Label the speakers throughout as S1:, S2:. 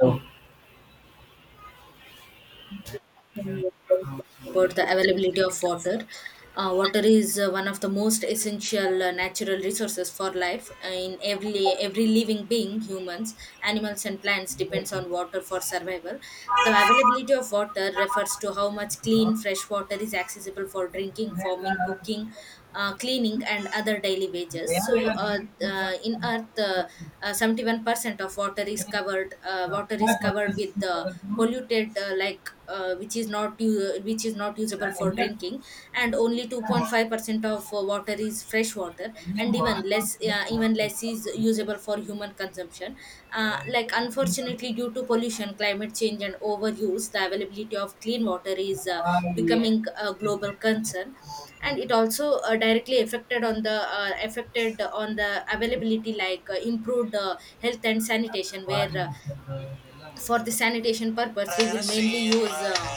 S1: Oh,
S2: About the availability of water. Water is one of the most essential natural resources for life. In every living being, humans, animals, and plants depends on water for survival. The availability of water refers to how much clean fresh water is accessible for drinking, farming, cooking, cleaning, and other daily wages. In Earth, 71% of water is covered. Water is covered with polluted, like which is not usable for drinking, and only 2.5% of water is fresh water, and even less is usable for human consumption, like unfortunately due to pollution, climate change, and overuse, the availability of clean water is becoming a global concern. And it also directly affected on the availability, like improved health and sanitation, where for the sanitation purpose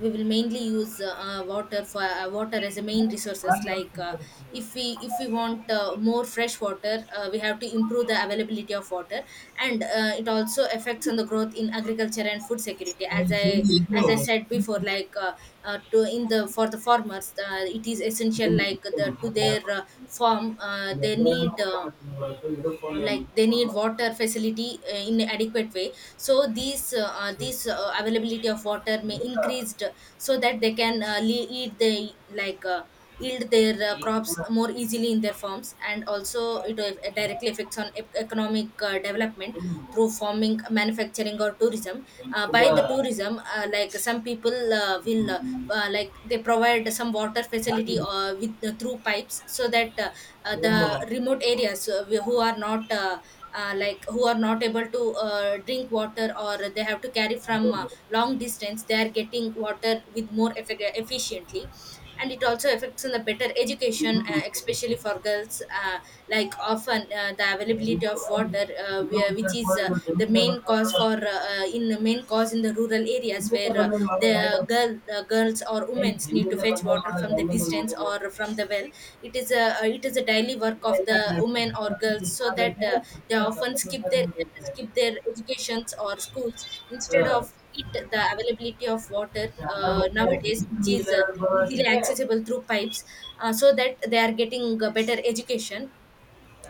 S2: we will mainly use water for water as a main resources, like if we want more fresh water, we have to improve the availability of water. And it also affects on the growth in agriculture and food security, as i
S1: thank
S2: as i
S1: you.
S2: said before, like to in the for the farmers, it is essential,
S1: zoom
S2: like
S1: तो
S2: the to
S1: मार देता
S2: their
S1: है,
S2: farm,
S1: ये
S2: they
S1: जो है वो
S2: need
S1: क्या मतलब है तो ये रुकने में
S2: like they need
S1: रुकना
S2: water facility in adequate way, so
S1: तो ये
S2: these availability of water may increased so that they can lead the, like yield their
S1: zoom तो ये
S2: crops
S1: ज़ूम तो ये
S2: more easily in their farms. And also it directly affects on economic development through farming, manufacturing, or tourism.
S1: Zoom
S2: uh,
S1: तो ये zoom
S2: by
S1: तो
S2: the
S1: ये
S2: tourism, like some people will like they provide some water facility with through pipes, so that the remote areas, who are not like who are not able to drink water, or they have to carry from long distance, they are getting water with more efficiently. And it also affects on the better education, especially for girls, like often the availability of water,
S1: zoom तो ये
S2: which
S1: zoom
S2: is
S1: तो ये zoom तो ये zoom तो ये zoom तो ये ज़ूम तो ये ज़ूम तो ये ज़ूम तो ये ज़ूम तो ये
S2: the main cause in the rural areas, where the girls or women need to fetch water from the distance or from the well. It is a daily work of the women or girls, so that they often
S1: zoom तो
S2: skip their educations or schools. Instead of
S1: ये
S2: it, the availability of water,
S1: ज़्यादा बढ़ गया है
S2: nowadays,
S1: to
S2: which is
S1: inch और बड़ा
S2: easily
S1: ठीक है
S2: accessible through pipes, so that they are getting a better education.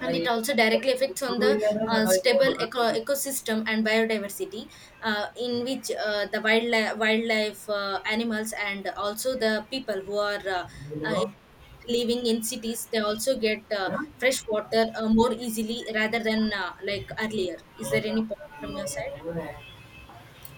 S2: And it
S1: ये
S2: also directly affects on
S1: to
S2: the
S1: inch है साढ़े इंच बड़ा है
S2: ecosystem and biodiversity, in which the wildlife, animals, and also the people who are uh,
S1: ठीक
S2: living in cities, they also get fresh water more easily rather than like earlier. Is
S1: है
S2: there any point from your side?
S1: ना.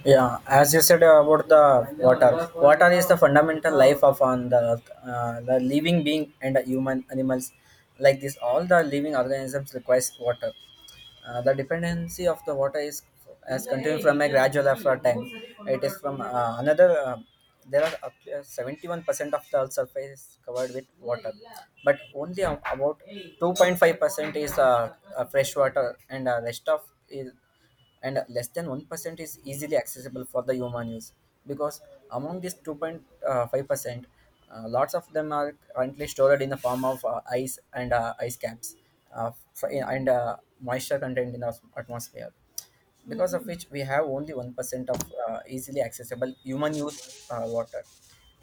S1: Yeah, as you said about the water. Water is the fundamental life of on the earth. The living being and the human animals like this, all the living organisms requires water. The dependency of the water is has continued from a gradual after time. It is from another. There are up to 71% of the Earth's surface is covered with water, but only about 2.5% is fresh water, and rest of is and less than 1% is easily accessible for the human use, because among this 2.5% lots of them are currently stored in the form of ice and ice caps for, and moisture content in the atmosphere, because of which we have only 1% of easily accessible human use water.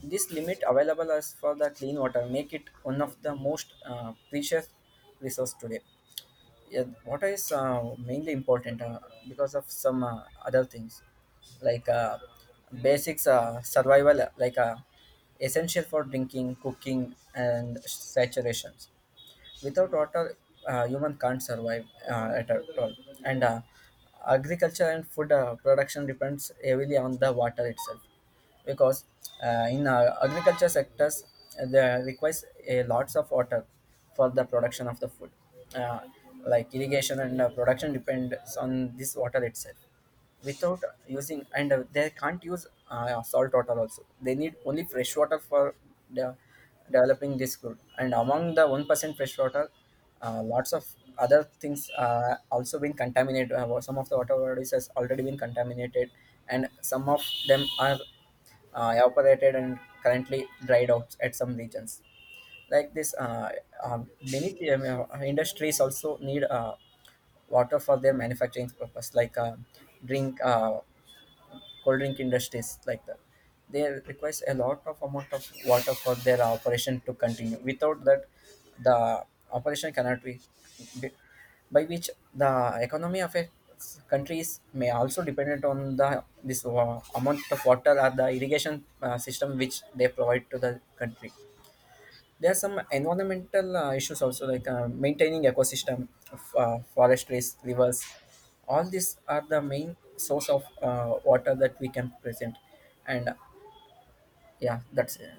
S1: This limit available as for the clean water make it one of the most precious resource today. Yeah, water is mainly important because of some other things, like basics survival, essential for drinking, cooking, and saturations. Without water, human can't survive at all. And agriculture and food production depends heavily on the water itself, because in agriculture sectors there requires a lots of water for the production of the food, uh, like irrigation and production depends on this water itself. Without using, and they can't use salt water also, they need only fresh water for the developing this good. And among the 1% fresh water, lots of other things also been contaminated. Well, some of the water bodies has already been contaminated, and some of them are evaporated and currently dried out at some regions. Like this, many industries also need water for their manufacturing purpose, like drink cold drink industries like that. They requires a lot of amount of water for their operation to continue. Without that, the operation cannot be be- by which the economy of a countries may also dependent on the this amount of water or the irrigation system which they provide to the country. There are some environmental issues also, like maintaining ecosystem of forest, trees, rivers. All these are the main source of water that we can present. And Yeah, that's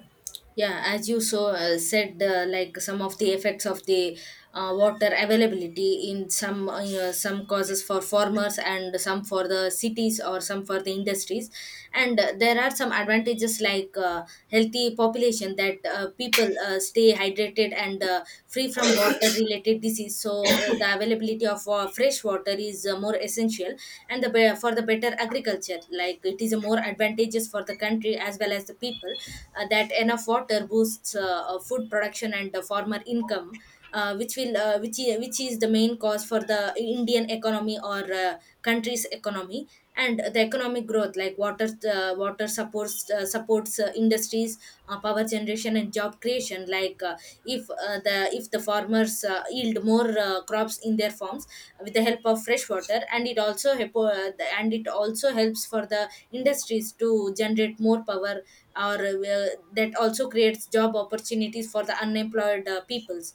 S2: Yeah, as you said, like some of the effects of the water availability in some some causes for farmers and some for the cities or some for the industries. And there are some advantages, like healthy population, that people stay hydrated and free from water related disease, so the availability of fresh water is more essential. And for the better agriculture, like it is a more advantageous for the country as well as the people, that enough water boosts food production and farmer income, which is the main cause for the Indian economy or country's economy. And the economic growth, like water supports industries, power generation, and job creation. Like if the farmers yield more crops in their farms with the help of fresh water. And it also helps for the industries to generate more power, or that also creates job opportunities for the unemployed peoples.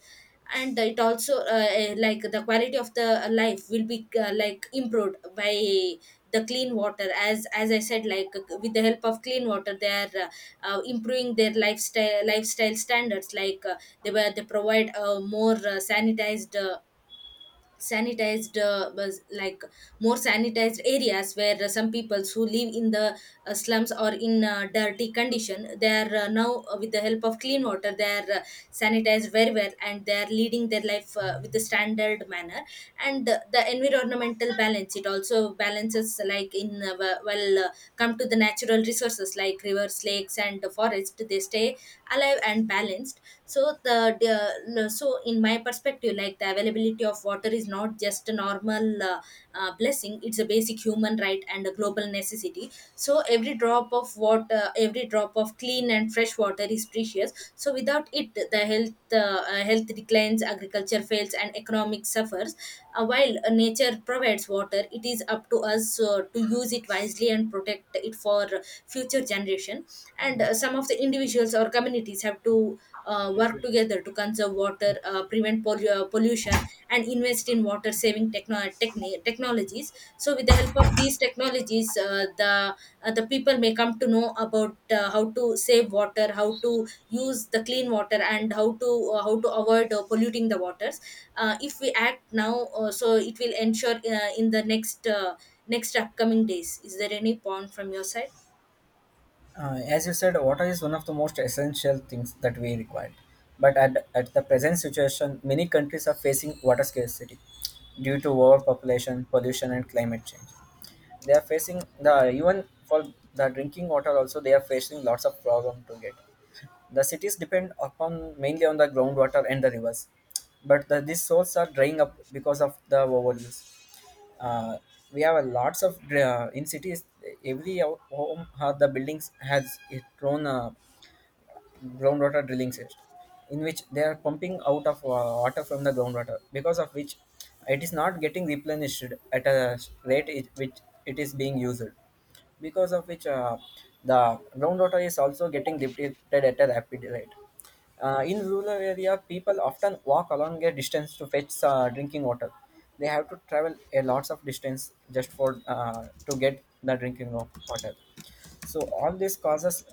S2: And it also like the quality of the life will be like improved by the clean water. As I said, like with the help of clean water, they are improving their lifestyle standards, like they provide more sanitized was like more sanitized areas, where some peoples who live in the slums or in dirty condition, they are now with the help of clean water, they are sanitized very well and they are leading their life with the standard manner. And the environmental balance, it also balances, like in w- well come to the natural resources like rivers, lakes, and the forest, they stay alive and balanced. So the- no, so in my perspective, like the availability of water is not just a normal blessing. It's a basic human right and a global necessity. So every drop of water, every drop of clean and fresh water is precious. So without it, the health declines, agriculture fails, and economic suffers. While nature provides water, it is up to us to use it wisely and protect it for future generation. And some of the individuals or communities have to work together to conserve water, pollution, and invest in water saving technologies. So with the help of these technologies, the people may come to know about how to save water, how to use the clean water, and how to avoid polluting the waters. If we act now, so it will ensure in the next next upcoming days. Is there any point from your side?
S1: as you said, water is one of the most essential things that we require, but at the present situation many countries are facing water scarcity due to overpopulation, pollution, and climate change. They are facing the even for the drinking water also. They are facing lots of problem to get. The cities depend upon mainly on the groundwater and the rivers, but these sources are drying up because of the overuse. Uh, we have a lots of in cities. Every home, the buildings has its own groundwater drilling system, in which they are pumping out of water from the groundwater, because of which it is not getting replenished at a rate it, which it is being used, because of which the groundwater is also getting depleted at a rapid rate. In rural area, people often walk along a distance to fetch drinking water. They have to travel a lots of distance just for to get the drinking water. So all this causes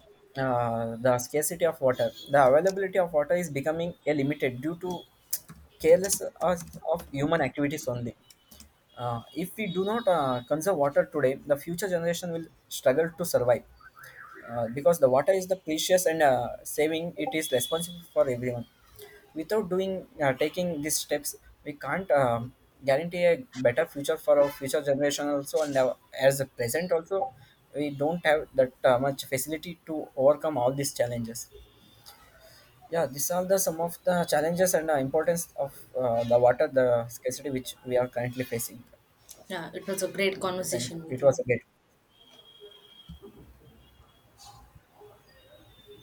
S1: the scarcity of water. The availability of water is becoming a limited due to careless us of human activities only. If we do not conserve water today, the future generation will struggle to survive, because the water is the precious, and saving it is responsible for everyone. Without doing taking these steps, we can't guarantee a better future for our future generation also. And as a present also, we don't have that much facility to overcome all these challenges. Yeah, these are the some of the challenges and importance of the water, the scarcity which we are currently facing.
S2: Yeah, it was a great
S1: Thank you,
S2: conversation with
S1: it was
S2: you.
S1: a great.